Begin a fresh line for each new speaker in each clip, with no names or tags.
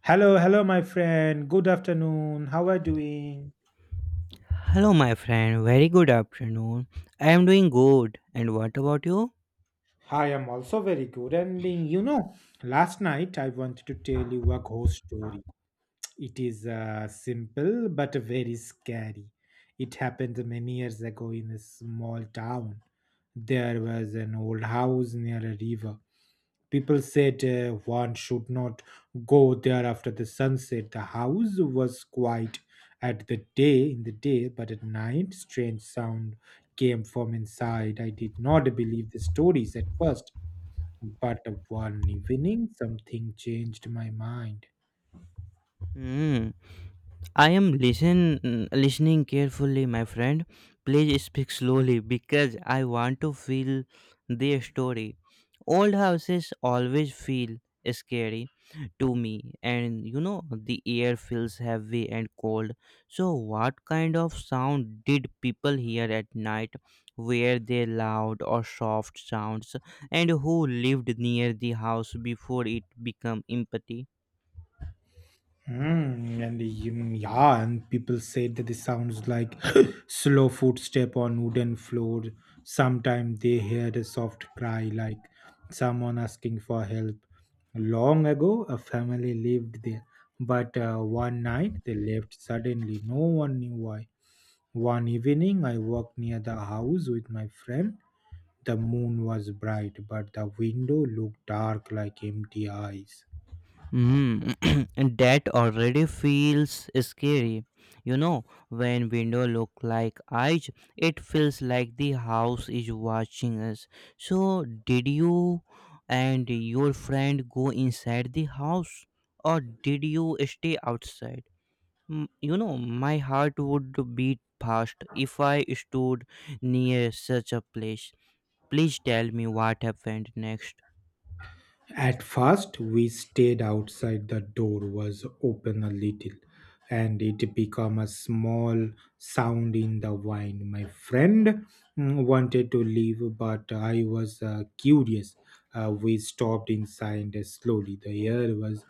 Hello, hello, my friend. Good afternoon. How are you doing?
Hello, my friend. Very good afternoon. I am doing good. And what about you?
I am also very good. Last night I wanted to tell you a ghost story. It is simple but very scary. It happened many years ago in a small town. There was an old house near a river. People said one should not go there after the sunset. The house was quiet at the day in the day, but at night strange sound came from inside. I did not believe the stories at first, but one evening something changed my mind.
Hmm. I am listening carefully, my friend. Please speak slowly because I want to feel their story. Old houses always feel scary to me, and you know the air feels heavy and cold. So, what kind of sound did people hear at night? Were they loud or soft sounds? And who lived near the house before it became empty?
And people said that it sounds like slow footstep on wooden floor. Sometimes they heard a soft cry like someone asking for help. Long ago, a family lived there, but one night they left suddenly. No one knew why. One evening, I walked near the house with my friend. The moon was bright, but the window looked dark like empty eyes.
Mm, and that already feels scary. You know, when window look like eyes, it feels like the house is watching us. So, did you and your friend go inside the house, or did you stay outside? Mm, you know, my heart would beat fast if I stood near such a place. Please tell me what happened next.
At first, we stayed outside. The door was open a little, and it became a small sound in the wine. My friend wanted to leave, but I was curious. We stopped inside slowly. The air was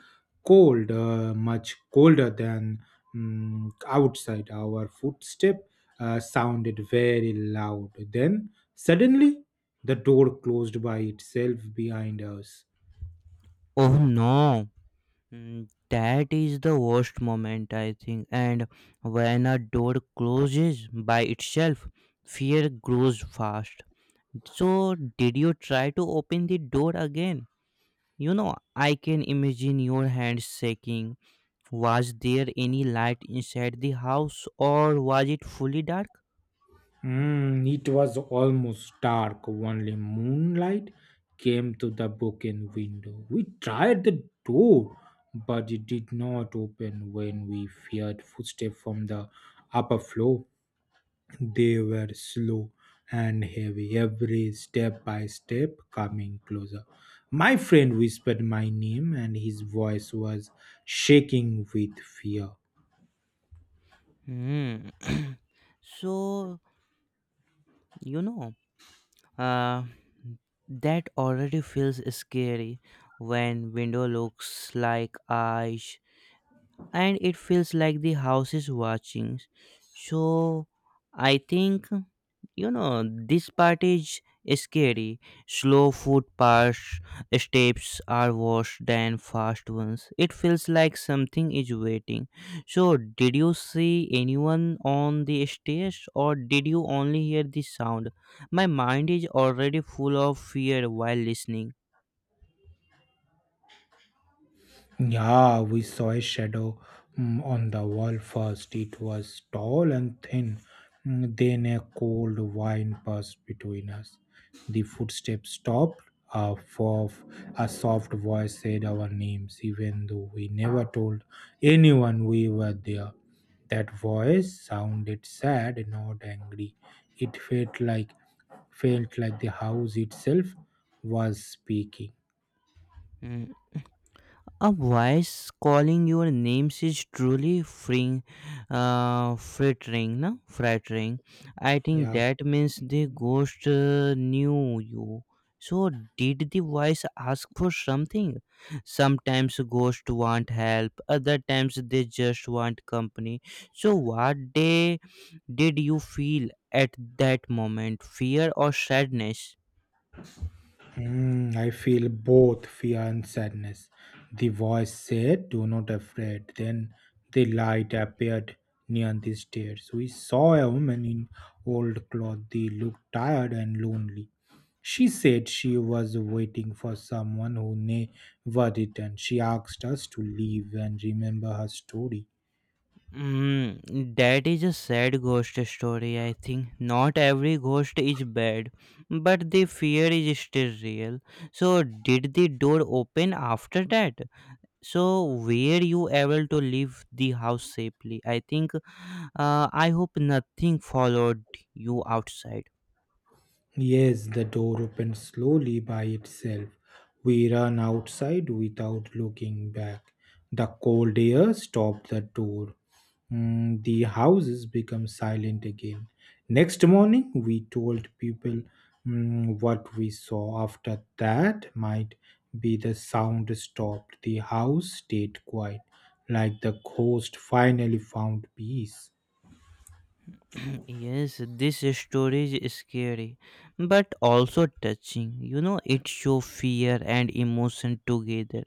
cold, much colder than outside. Our footstep sounded very loud. Then, suddenly, the door closed by itself behind us.
Oh no! Mm, that is the worst moment, I think. And when a door closes by itself, fear grows fast. So, did you try to open the door again? You know, I can imagine your hands shaking. Was there any light inside the house or was it fully dark?
It was almost dark. Only moonlight came through the broken window. We tried the door, but it did not open when we feared footsteps from the upper floor. They were slow and heavy, every step by step coming closer. My friend whispered my name, and his voice was shaking with fear.
Hmm. So, you know, Uh, that already feels scary when window looks like eyes, and it feels like the house is watching. So I think, you know, this part is scary. Slow footpaths, steps are worse than fast ones. It feels like something is waiting. So did you see anyone on the stairs, or did you only hear the sound? My mind is already full of fear while listening.
Yeah, we saw a shadow on the wall first. It was tall and thin. Then a cold wind passed between us. The footsteps stopped. A, fof- a soft voice said our names, even though we never told anyone we were there. That voice sounded sad, not angry. It felt like the house itself was speaking.
Mm, a voice calling your names is truly freeing, frittering, no? Frittering. I think
Yeah.
that means the ghost knew you. So did the voice ask for something? Sometimes ghosts want help, other times they just want company. So what day did you feel at that moment? Fear or sadness?
I feel both fear and sadness. The voice said, "Do not afraid." Then the light appeared near the stairs. We saw a woman in old clothes. They looked tired and lonely. She said she was waiting for someone who never returned. She asked us to leave and remember her story.
Mm, that is a sad ghost story, I think. Not every ghost is bad, but the fear is still real. So, did the door open after that? So, were you able to leave the house safely? I think, I hope nothing followed you outside.
Yes, the door opened slowly by itself. We ran outside without looking back. The cold air stopped the door. The houses become silent again. Next morning, we told people what we saw. After that, might be the sound stopped. The house stayed quiet, like the ghost finally found peace.
Yes, this story is scary, but also touching. You know, it shows fear and emotion together.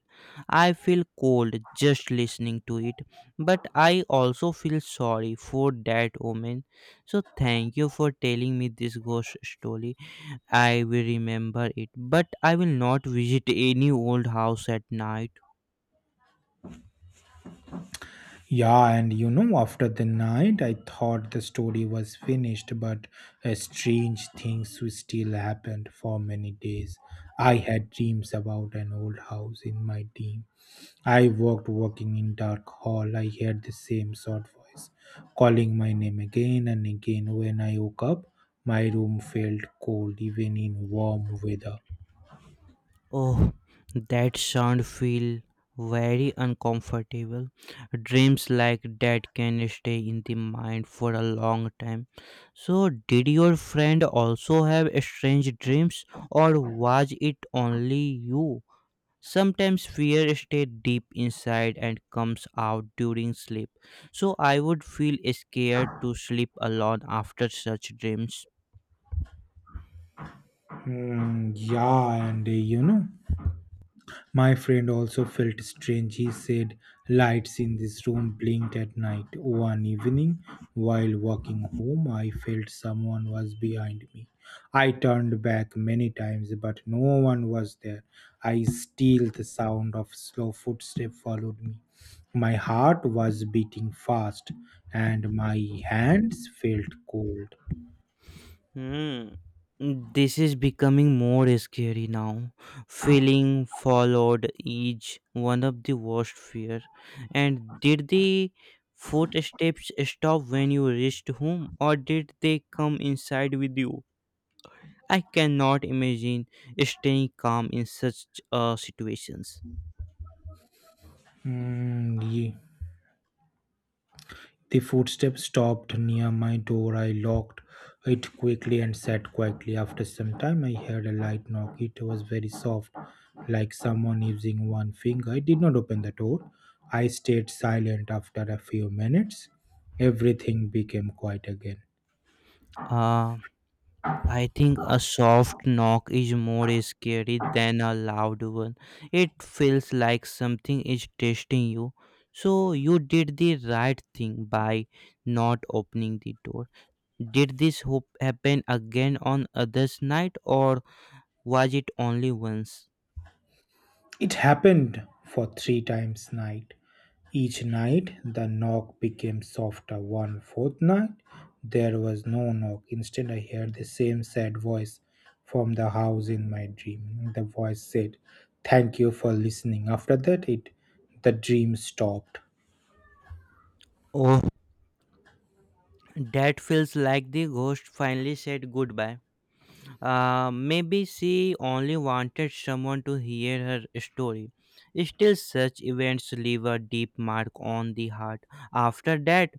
I feel cold just listening to it, but I also feel sorry for that woman. So thank you for telling me this ghost story. I will remember it, but I will not visit any old house at night.
After the night, I thought the story was finished, but strange things still happened for many days. I had dreams about an old house in my dream. I walked walking in dark hall. I heard the same sort voice calling my name again and again. When I woke up, my room felt cold even in warm weather.
Oh, that sound feel very uncomfortable. Dreams like that can stay in the mind for a long time. So, did your friend also have strange dreams, or was it only you? Sometimes fear stays deep inside and comes out during sleep. So, I would feel scared to sleep alone after such dreams.
Mm, yeah, and you know. My friend also felt strange. He said lights in this room blinked at night. One evening, while walking home, I felt someone was behind me. I turned back many times, but no one was there. I still the sound of slow footstep followed me. My heart was beating fast, and my hands felt cold.
Hmm. This is becoming more scary now. Feeling followed is one of the worst fear. And did the footsteps stop when you reached home, or did they come inside with you? I cannot imagine staying calm in such situations.
Mm, ye- The footstep stopped near my door. I locked it quickly and sat quietly. After some time, I heard a light knock. It was very soft, like someone using one finger. I did not open the door. I stayed silent after a few minutes. Everything became quiet again.
Uh, I think a soft knock is more scary than a loud one. It feels like something is testing you. So you did the right thing by not opening the door. Did this hope happen again on others night, or was it only once?
It happened for three times night. Each night the knock became softer. One fourth night there was no knock. Instead I heard the same sad voice from the house in my dream. The voice said, "Thank you for listening." After that it the dream stopped.
Oh, that feels like the ghost finally said goodbye. Maybe she only wanted someone to hear her story. Still, such events leave a deep mark on the heart. After that,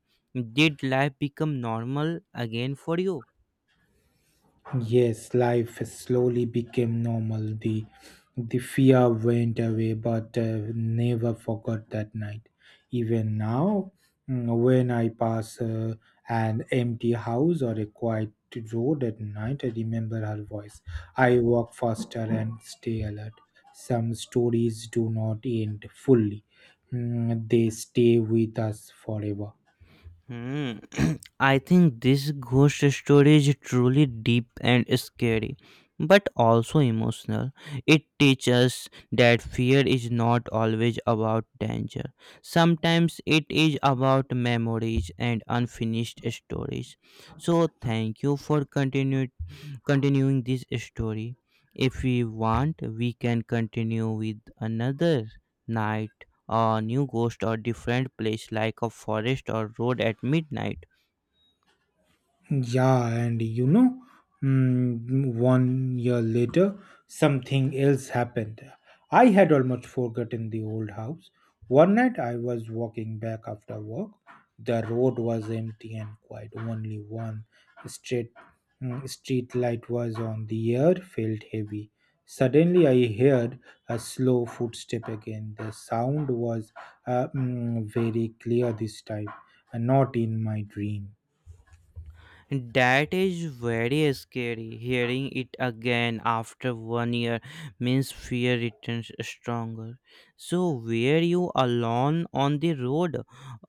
did life become normal again for you?
Yes, life slowly became normal. The fear went away, but never forgot that night. Even now, when I pass an empty house or a quiet road at night, I remember her voice. I walk faster and stay alert. Some stories do not end fully; they stay with us forever.
Hmm. I think this ghost story is truly deep and scary, but also emotional. It teaches that fear is not always about danger. Sometimes it is about memories and unfinished stories. So, thank you for continuing this story. If we want, we can continue with another night, a new ghost, or different place like a forest or road at midnight.
Yeah, and you know, mm, One year later, something else happened. I had almost forgotten the old house. One night I was walking back after work. The road was empty and quiet. Only one street, street light was on. The air felt heavy. Suddenly I heard a slow footstep again. The sound was very clear this time, and not in my dream.
That is very scary. Hearing it again after 1 year means fear returns stronger. So, were you alone on the road,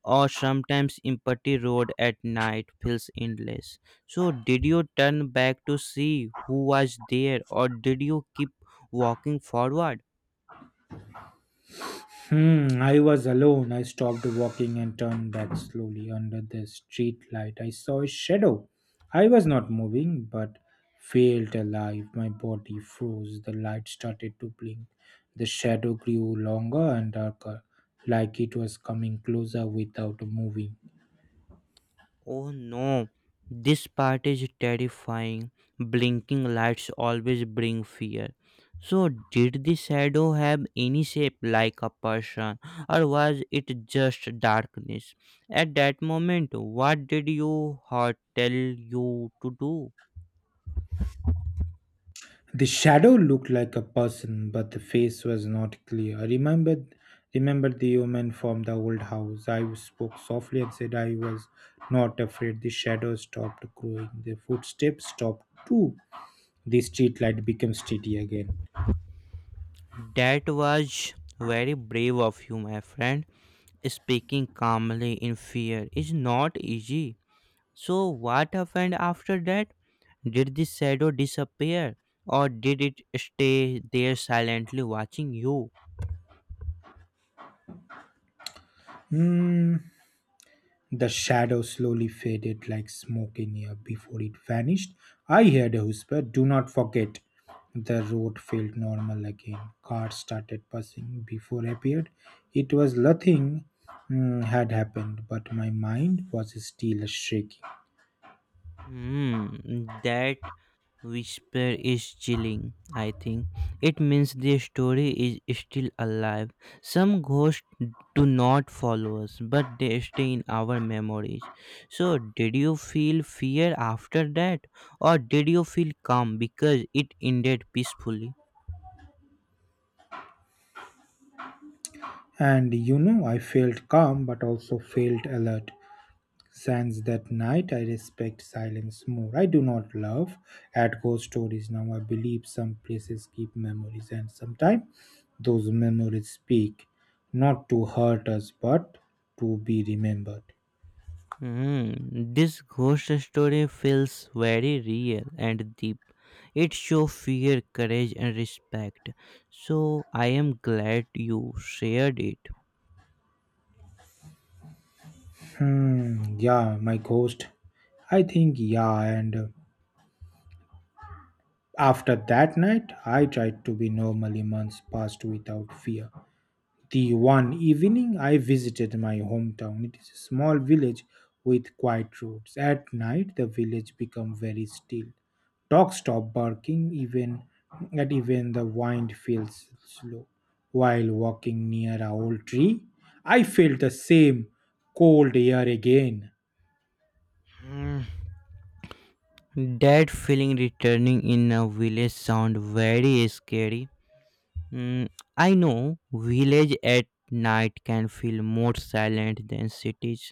or sometimes empty road at night feels endless? So, did you turn back to see who was there, or did you keep walking forward?
I was alone. I stopped walking and turned back slowly under the street light. I saw a shadow. I was not moving, but felt alive. My body froze. The light started to blink. The shadow grew longer and darker, like it was coming closer without moving.
Oh no, this part is terrifying. Blinking lights always bring fear. So, did the shadow have any shape like a person, or was it just darkness? At that moment, what did your heart tell you to do?
The shadow looked like a person, but the face was not clear. I remembered the woman from the old house. I spoke softly and said I was not afraid. The shadow stopped growing. The footsteps stopped too. The streetlight became steady again.
That was very brave of you, my friend. Speaking calmly in fear is not easy. So, what happened after that? Did the shadow disappear, or did it stay there silently watching you?
Hmm. The shadow slowly faded like smoke in air before it vanished. I heard a whisper, "Do not forget." The road felt normal again. Cars started passing before appeared. It was nothing had happened, but my mind was still shaking.
Hmm, that whisper is chilling, I think. It means the story is still alive. Some ghosts do not follow us, but they stay in our memories. So, did you feel fear after that, or did you feel calm because it ended peacefully?
And you know, I felt calm but also felt alert. Since that night, I respect silence more. I do not love at ghost stories now. I believe some places keep memories, and sometimes those memories speak not to hurt us but to be remembered.
Hmm, this ghost story feels very real and deep. It shows fear, courage, and respect. So I am glad you shared it.
Hmm, yeah, my ghost. I think, yeah, and After that night, I tried to be normal. Months passed without fear. The one evening I visited my hometown, it is a small village with quiet roads. At night, the village become very still. Dogs stop barking even at even the wind feels slow. While walking near a old tree, I felt the same cold air again.
Hmm, that feeling returning in a village sound very scary. Hmm, I know village at night can feel more silent than cities.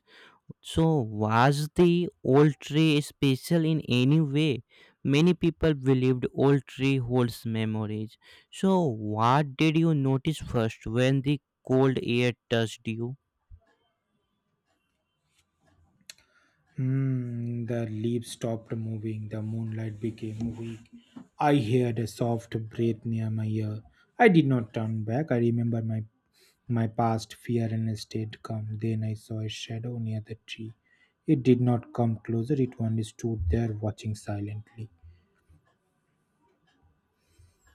So, was the old tree special in any way? Many people believed old tree holds memories. So, what did you notice first when the cold air touched you?
The leaves stopped moving. The moonlight became weak. I heard a soft breath near my ear. I did not turn back. I remember my past fear and haste did come. Then I saw a shadow near the tree. It did not come closer, it only stood there watching silently.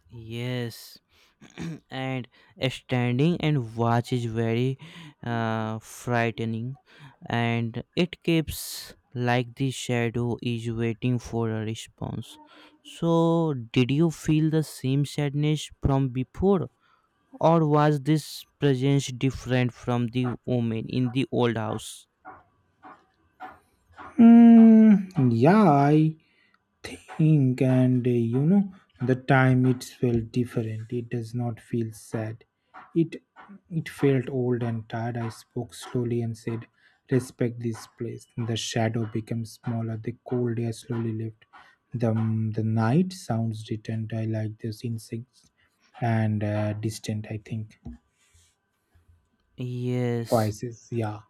Yes, and standing and watch is very frightening, and it keeps like the shadow is waiting for a response. So, did you feel the same sadness from before? Or was this presence different from the woman in the old house?
Hmm, yeah, I think and you know the time it felt different. It does not feel sad. It it felt old and tired. I spoke slowly and said, "Respect this place." The shadow became smaller. The cold air slowly left the night sounds distant. I like those insects and, distant, I think
Yes,
voices. Yeah.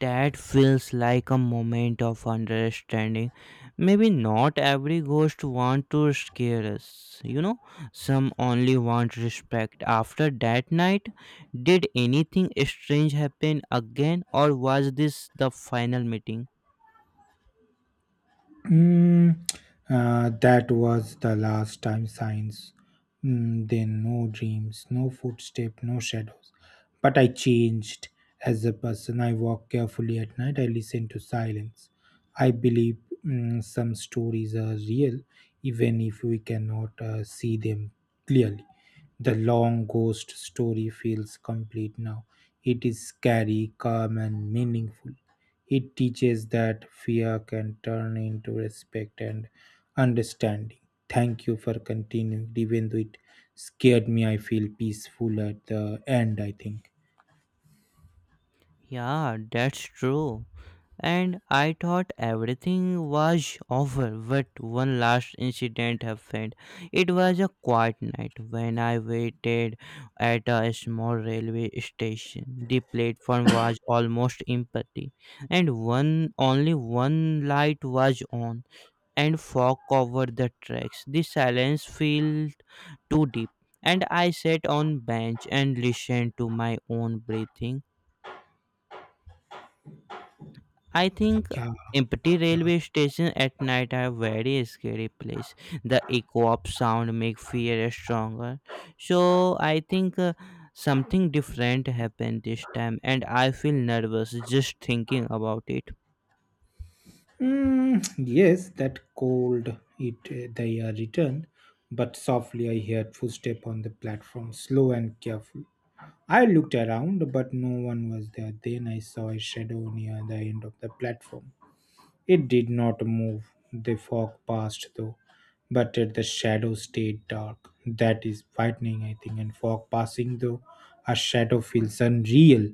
that feels like a moment of understanding. Maybe not every ghost want to scare us, you know? Some only want respect. After that night, did anything strange happen again, or was this the final meeting?
Mm, that was the last time signs. Then no dreams, no footstep, no shadows. But I changed as a person. I walk carefully at night. I listen to silence. I believe some stories are real, even if we cannot see them clearly. The long ghost story feels complete now. It is scary, calm, and meaningful. It teaches that fear can turn into respect and understanding. Thank you for continuing. Even though it scared me, I feel peaceful at the end, I think.
Yeah, that's true. And I thought everything was over, but one last incident happened. It was a quiet night when I waited at a small railway station. The platform was almost empty, and one only one light was on, and fog covered the tracks. The silence felt too deep, and I sat on bench and listened to my own breathing, I think.
Yeah,
Empty
yeah.
railway station at night are very scary place. The echo of sound make fear stronger. So I think, something different happened this time, and I feel nervous just thinking about it.
Yes, that cold, it they are returned, but softly I heard footstep on the platform, slow and careful. I looked around, but no one was there. Then I saw a shadow near the end of the platform. It did not move. The fog passed though, but at the shadow stayed dark. That is frightening, I think. And fog passing though, a shadow feels unreal.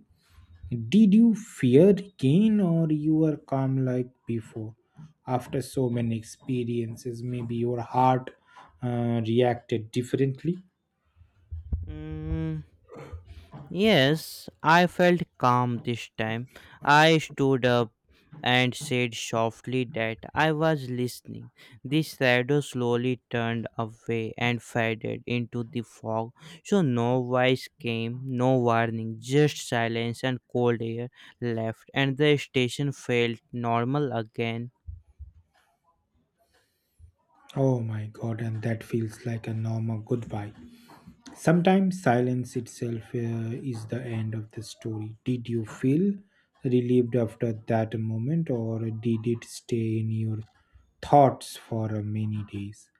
Did you fear again, or you were calm like before? After so many experiences, maybe your heart reacted differently.
Mm. Yes, I felt calm this time. I stood up and said softly that I was listening. The shadow slowly turned away and faded into the fog. So no voice came, no warning, just silence and cold air left, and the station felt normal again.
Oh my god, and that feels like a normal goodbye. Sometimes silence itself is the end of the story. Did you feel relieved after that moment, or did it stay in your thoughts for many days?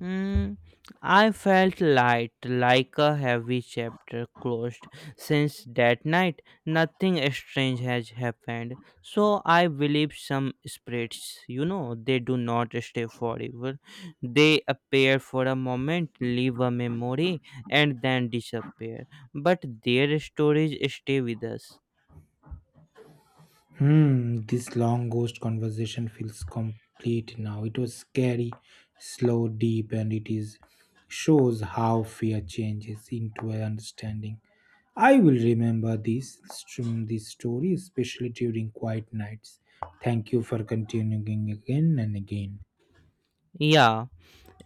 Mm, I felt light, like a heavy chapter closed. Since that night, nothing strange has happened. So I believe some spirits, you know, they do not stay forever. They appear for a moment, leave a memory, and then disappear. But their stories stay with us.
Hmm, this long ghost conversation feels complete now. It was scary, slow, deep, and it is shows how fear changes into a understanding. I will remember this story, especially during quiet nights. Thank you for continuing again and again.
Yeah.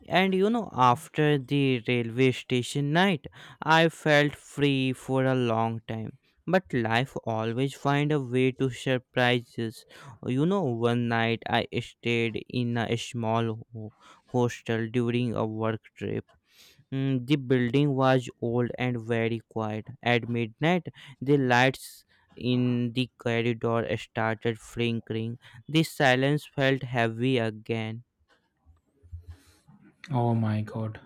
And you know, after the railway station night, I felt free for a long time. But life always find a way to surprise us. You know, one night I stayed in a small hostel during a work trip. Mm, the building was old and very quiet. At midnight, the lights in the corridor started flickering. The silence felt heavy again.
Oh my god.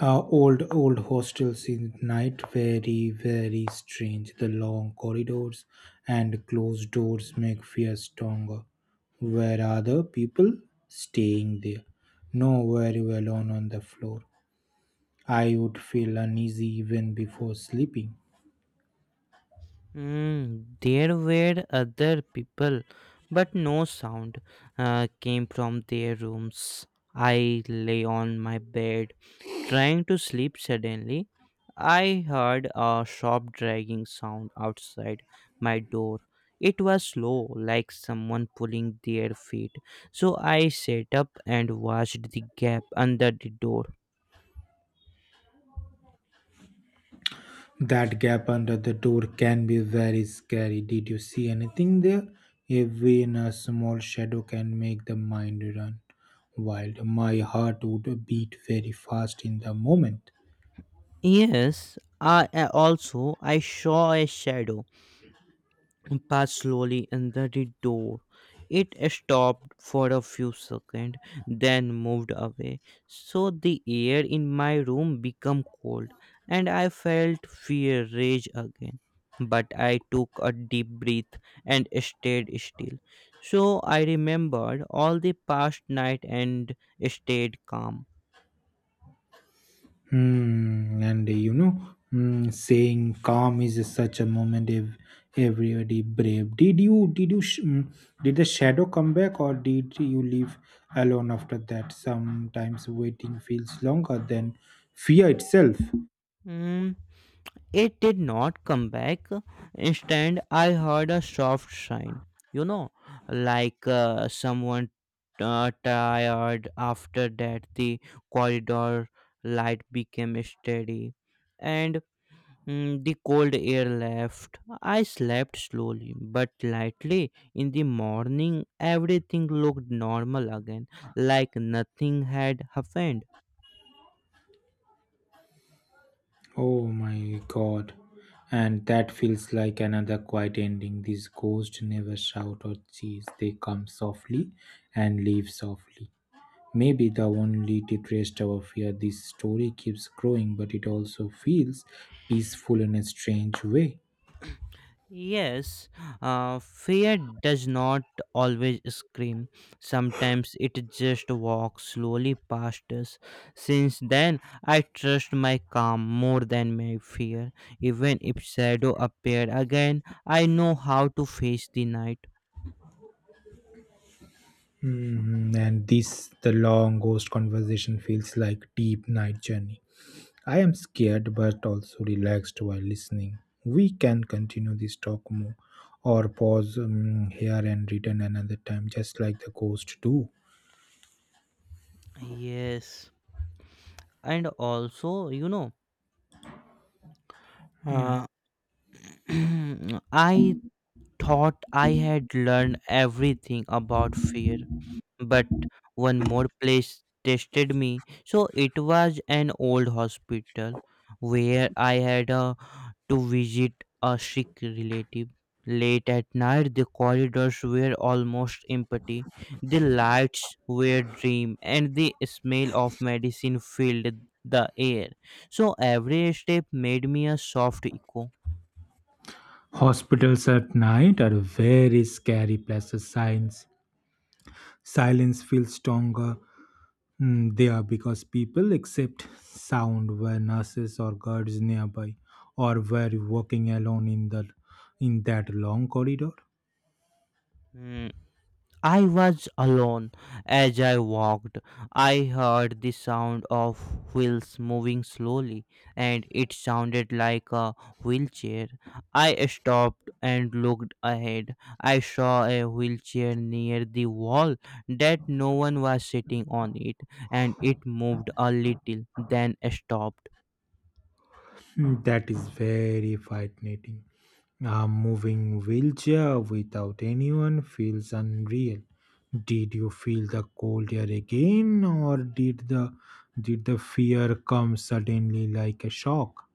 Old hostel scenes at night, very, very strange. The long corridors and closed doors make fear stronger. Where are the people staying there? No, very well alone on the floor. I would feel uneasy even before sleeping.
Mm, there were other people, but no sound came from their rooms. I lay on my bed, trying to sleep suddenly. I heard a sharp dragging sound outside my door. It was slow, like someone pulling their feet. So I sat up and watched the gap under the door.
That gap under the door can be very scary. Did you see anything there? Even a small shadow can make the mind run wild. My heart would beat very fast in the moment.
Yes, I also I saw a shadow passed slowly under the door. It stopped for a few seconds, then moved away. So the air in my room became cold, and I felt fear rage again. But I took a deep breath and stayed still. So I remembered all the past night and stayed calm.
Hmm, and you know, hmm, Saying calm is such a moment. If everybody brave, did you sh- hmm, did the shadow come back or did you leave alone after that? Sometimes waiting feels longer than fear itself.
Hmm. It did not come back. Instead, I heard a soft sigh, you know, like someone tired. After that, the corridor light became steady, and the cold air left. I slept slowly but lightly. In the morning, everything looked normal again, like nothing had happened.
Oh my god. And that feels like another quiet ending. These ghosts never shout or cheese. They come softly and leave softly. Maybe the only depressed our fear. This story keeps growing, but it also feels peaceful in a strange way.
Yes, fear does not always scream. Sometimes it just walks slowly past us. Since then, I trust my calm more than my fear. Even if shadow appeared again, I know how to face the night.
Mhm. And this, the long ghost conversation feels like deep night journey. I am scared but also relaxed while listening. We can continue this talk more or pause here and return another time, just like the ghosts do.
Yes, and also, you know, uh,
Hmm.
I thought I had learned everything about fear, but one more place tested me. So it was an old hospital where I had to visit a sick relative. Late at night, the corridors were almost empty. The lights were dim, and the smell of medicine filled the air. So every step made me a soft echo.
Hospitals at night are very scary places. Signs, silence feels stronger there because people accept sound where nurses or guards nearby, or were walking alone in the in that long corridor.
Hmm. I was alone. As I walked, I heard the sound of wheels moving slowly, and it sounded like a wheelchair. I stopped and looked ahead. I saw a wheelchair near the wall that no one was sitting on it, and it moved a little, then stopped.
Hmm, that is very fascinating. A moving wheelchair without anyone feels unreal. Did you feel the cold air again, or did the fear come suddenly like a shock?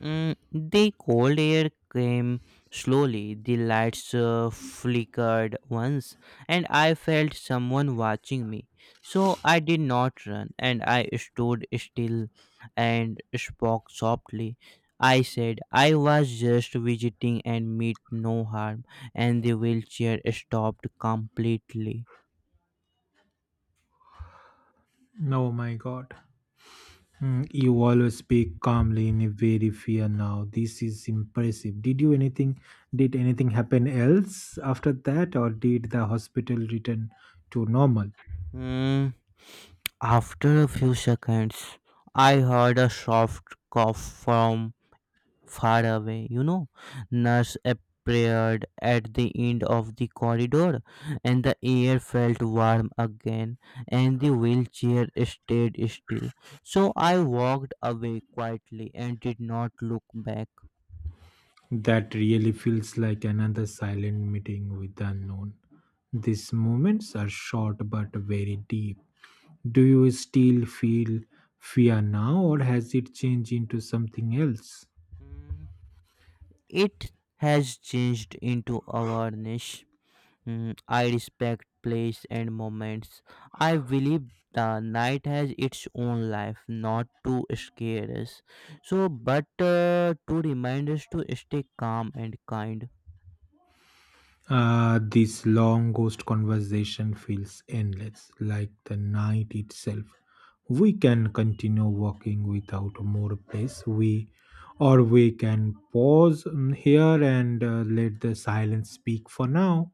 The cold air came slowly, the lights flickered once, and I felt someone watching me. So I did not run, and I stood still and spoke softly. I said I was just visiting and meant no harm, and the wheelchair stopped completely.
Oh my God! Hmm, you always speak calmly in a very fear now. This is impressive. Did you anything? Did anything happen else after that, or did the hospital return to normal?
Mm, After a few seconds, I heard a soft cough from far away. Nurse appeared at the end of the corridor, and the air felt warm again, and the wheelchair stayed still. So I walked away quietly and did not look back.
That really feels like another silent meeting with the unknown. These moments are short but very deep. Do you still feel fear now, or has it changed into something else?
Mm, It has changed into awareness. I respect place and moments. I believe the night has its own life, not to scare us. So, but to remind us to stay calm and kind.
This long ghost conversation feels endless, like the night itself. We can continue walking without more place. We, or we can pause here and let the silence speak for now.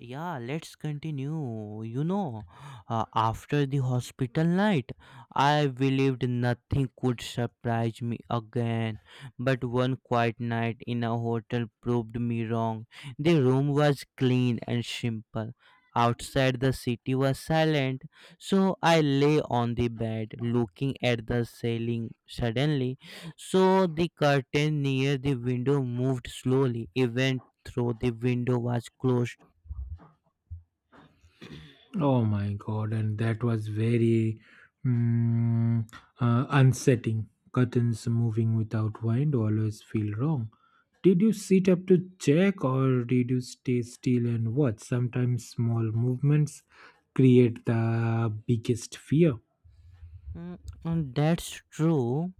Yeah, let's continue. After the hospital night, I believed nothing could surprise me again. But one quiet night in a hotel proved me wrong. The room was clean and simple. Outside, the city was silent, so I lay on the bed looking at the ceiling. Suddenly, so the curtain near the window moved slowly, even though the window was closed.
Oh my god, and that was very mm, unsettling. Curtains moving without wind always feel wrong. Did you sit up to check or did you stay still and watch? Sometimes small movements create the biggest fear.
Mm, and that's true.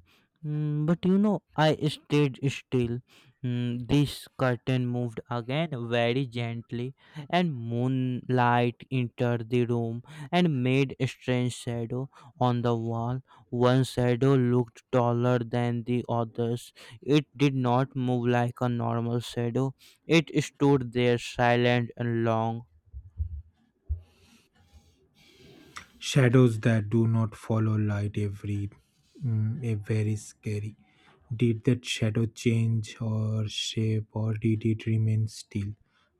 But I stayed still. This curtain moved again very gently, and moonlight entered the room and made a strange shadow on the wall. One shadow looked taller than the others. It did not move like a normal shadow, it stood there silent and long.
Shadows that do not follow light every a very scary, did that shadow change or shape or did it remain still?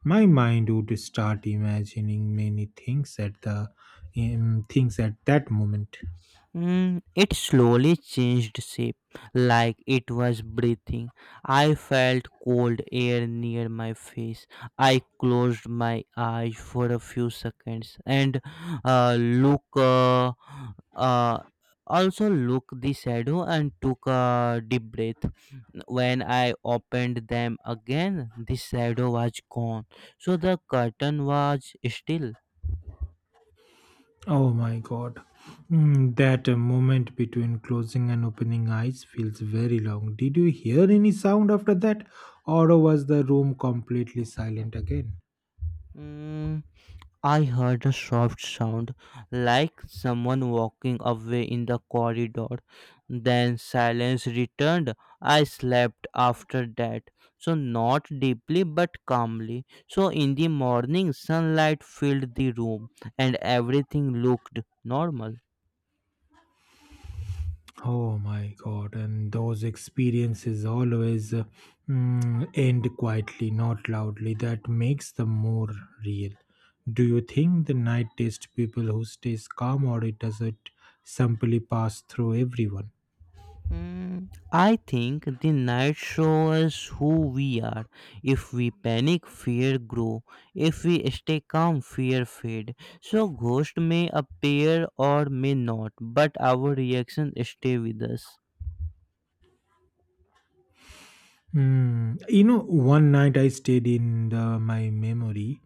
My mind would start imagining many things at the things at that moment.
It slowly changed shape, like it was breathing. I felt cold air near my face. I closed my eyes for a few seconds and look. Uh, also look the shadow and took a deep breath. When I opened them again, the shadow was gone, so the curtain was still.
Oh my god. That moment between closing and opening eyes feels very long. Did you hear any sound after that, or was the room completely silent again?
Mm, I heard a soft sound like someone walking away in the corridor. Then silence returned. I slept after that. So, not deeply but calmly. So, in the morning, sunlight filled the room and everything looked normal.
Oh my God, and those experiences always end quietly, not loudly. That makes them more real. Do you think the night taste people who stays calm or it does it simply pass through everyone?
I think the night shows us who we are. If we panic, fear grow. If we stay calm, fear fade. So ghost may appear or may not, but our reaction stay with us.
Mm, you know, one night I stayed in the, my memory.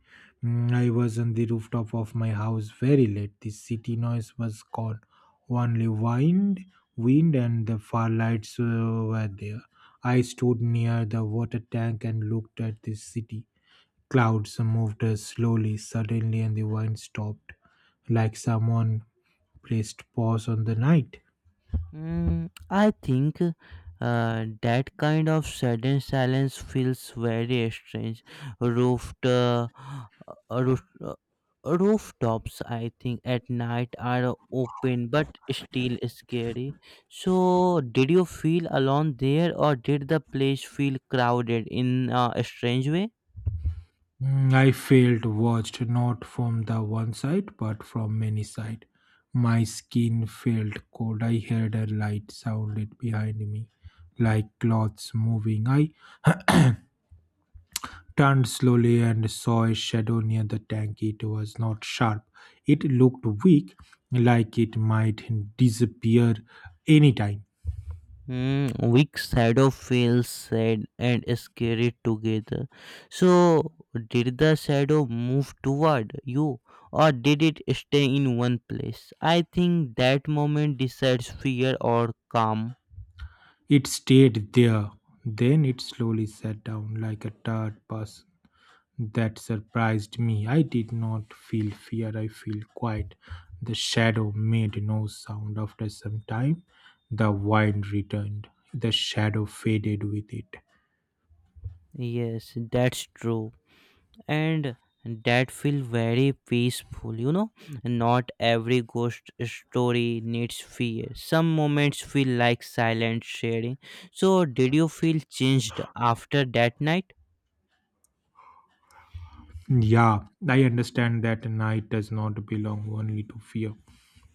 I was on the rooftop of my house very late. The city noise was gone. Only wind, wind, and the far lights were there. I stood near the water tank and looked at the city. Clouds moved slowly, suddenly, and the wind stopped, like someone placed pause on the night.
I think that kind of sudden silence feels very strange. Roofed, uh, uh, roof, uh, Rooftops, I think, at night are open but still scary. So, did you feel alone there, or did the place feel crowded in a strange way?
I felt watched not from the one side but from many sides. My skin felt cold. I heard a light sounded behind me, like cloths moving. I turned slowly and saw a shadow near the tank. It was not sharp. It looked weak, like it might disappear anytime.
Weak shadow feels sad and scary together. So, did the shadow move toward you or did it stay in one place? I think that moment decides fear or calm.
It stayed there. Then it slowly sat down like a tired person. That surprised me. I did not feel fear, I feel quiet. The shadow made no sound. After some time, the wind returned. The shadow faded with it.
Yes, that's true. And that feels very peaceful. Not every ghost story needs fear. Some moments feel like silent sharing. So, did you feel changed after that night?
Yeah, I understand that night does not belong only to fear.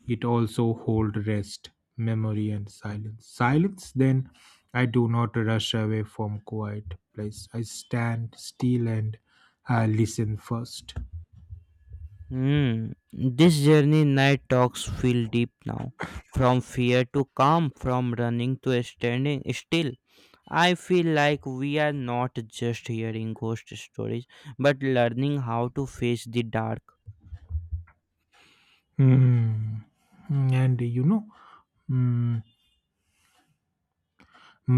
It also holds rest, memory, and silence. Silence, then, I do not rush away from quiet place. I stand still and listen first.
Hmm. This journey night talks feel deep now. From fear to calm, from running to standing still. I feel like we are not just hearing ghost stories, but learning how to face the dark.
Hmm. And you know, mm,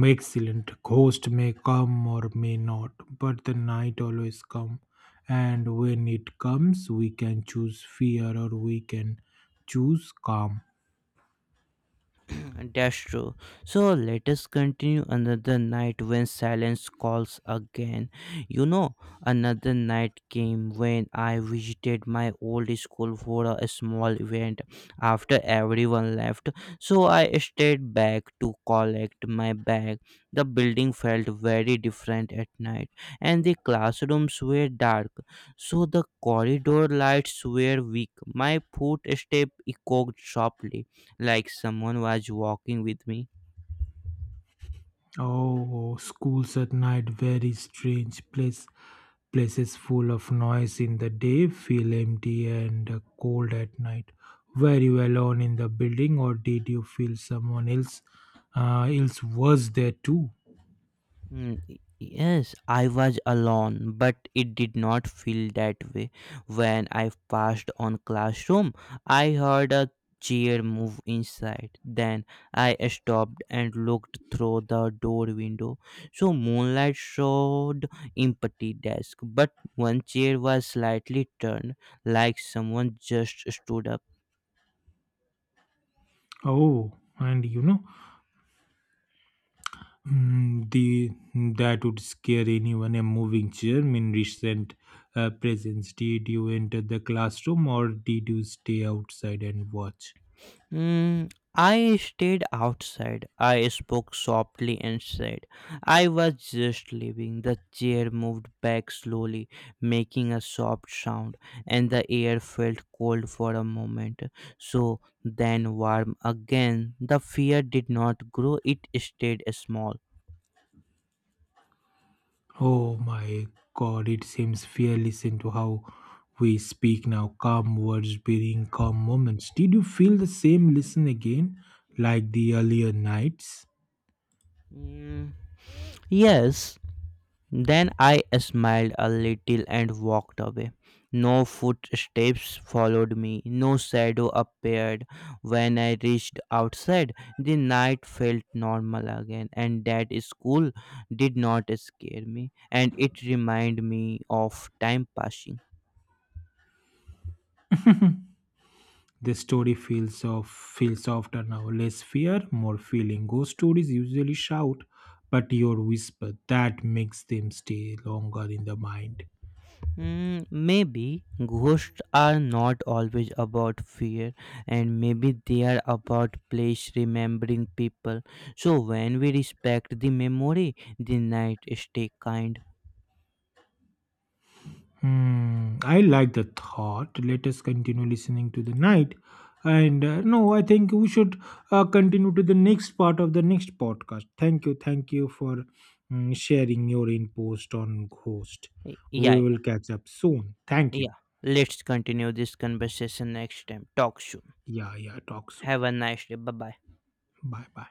excellent. Ghost may come or may not, but the night always come. And when it comes, we can choose fear or we can choose calm.
That's true. So let us continue another night when silence calls again. You know, another night came when I visited my old school for a small event after everyone left. So I stayed back to collect my bag. The building felt very different at night, and the classrooms were dark, so the corridor lights were weak. My footstep echoed sharply like someone was walking with me.
Oh, schools at night, very strange place. Places full of noise in the day feel empty and cold at night. Were you alone in the building, or did you feel someone else else was there too?
Yes, I was alone, but it did not feel that way. When I passed on classroom, I heard a chair move inside. Then I stopped and looked through the door window. So moonlight showed empty desk, but one chair was slightly turned, like someone just stood up.
Oh, and you know, the that would scare anyone. A moving chair in recent presence. Did you enter the classroom or did you stay outside and watch?
I stayed outside. I spoke softly and said, I was just leaving. The chair moved back slowly, making a soft sound, and the air felt cold for a moment, so then warm again. The fear did not grow, it stayed small.
Oh my God! It seems fearless into how we speak now. Calm words bearing calm moments. Did you feel the same? Listen again, like the earlier nights.
Mm, yes, then I smiled a little and walked away. No footsteps followed me, no shadow appeared. When I reached outside, the night felt normal again, and that school did not scare me, and it reminded me of time passing.
The story feels softer now, less fear, more feeling. Ghost stories usually shout, but your whisper that makes them stay longer in the mind.
Maybe ghosts are not always about fear, and maybe they are about place remembering people. So when we respect the memory, the night stay kind.
Hmm, I like the thought. Let us continue listening to the night. And no, I think we should continue to the next part of the next podcast. Thank you for sharing your input on Ghost.
Y-
We
Yeah,
will catch up soon. Thank
yeah.
you.
Let's continue this conversation next time. Talk soon.
Yeah, yeah, talk soon.
Have a nice day. Bye bye.
Bye bye.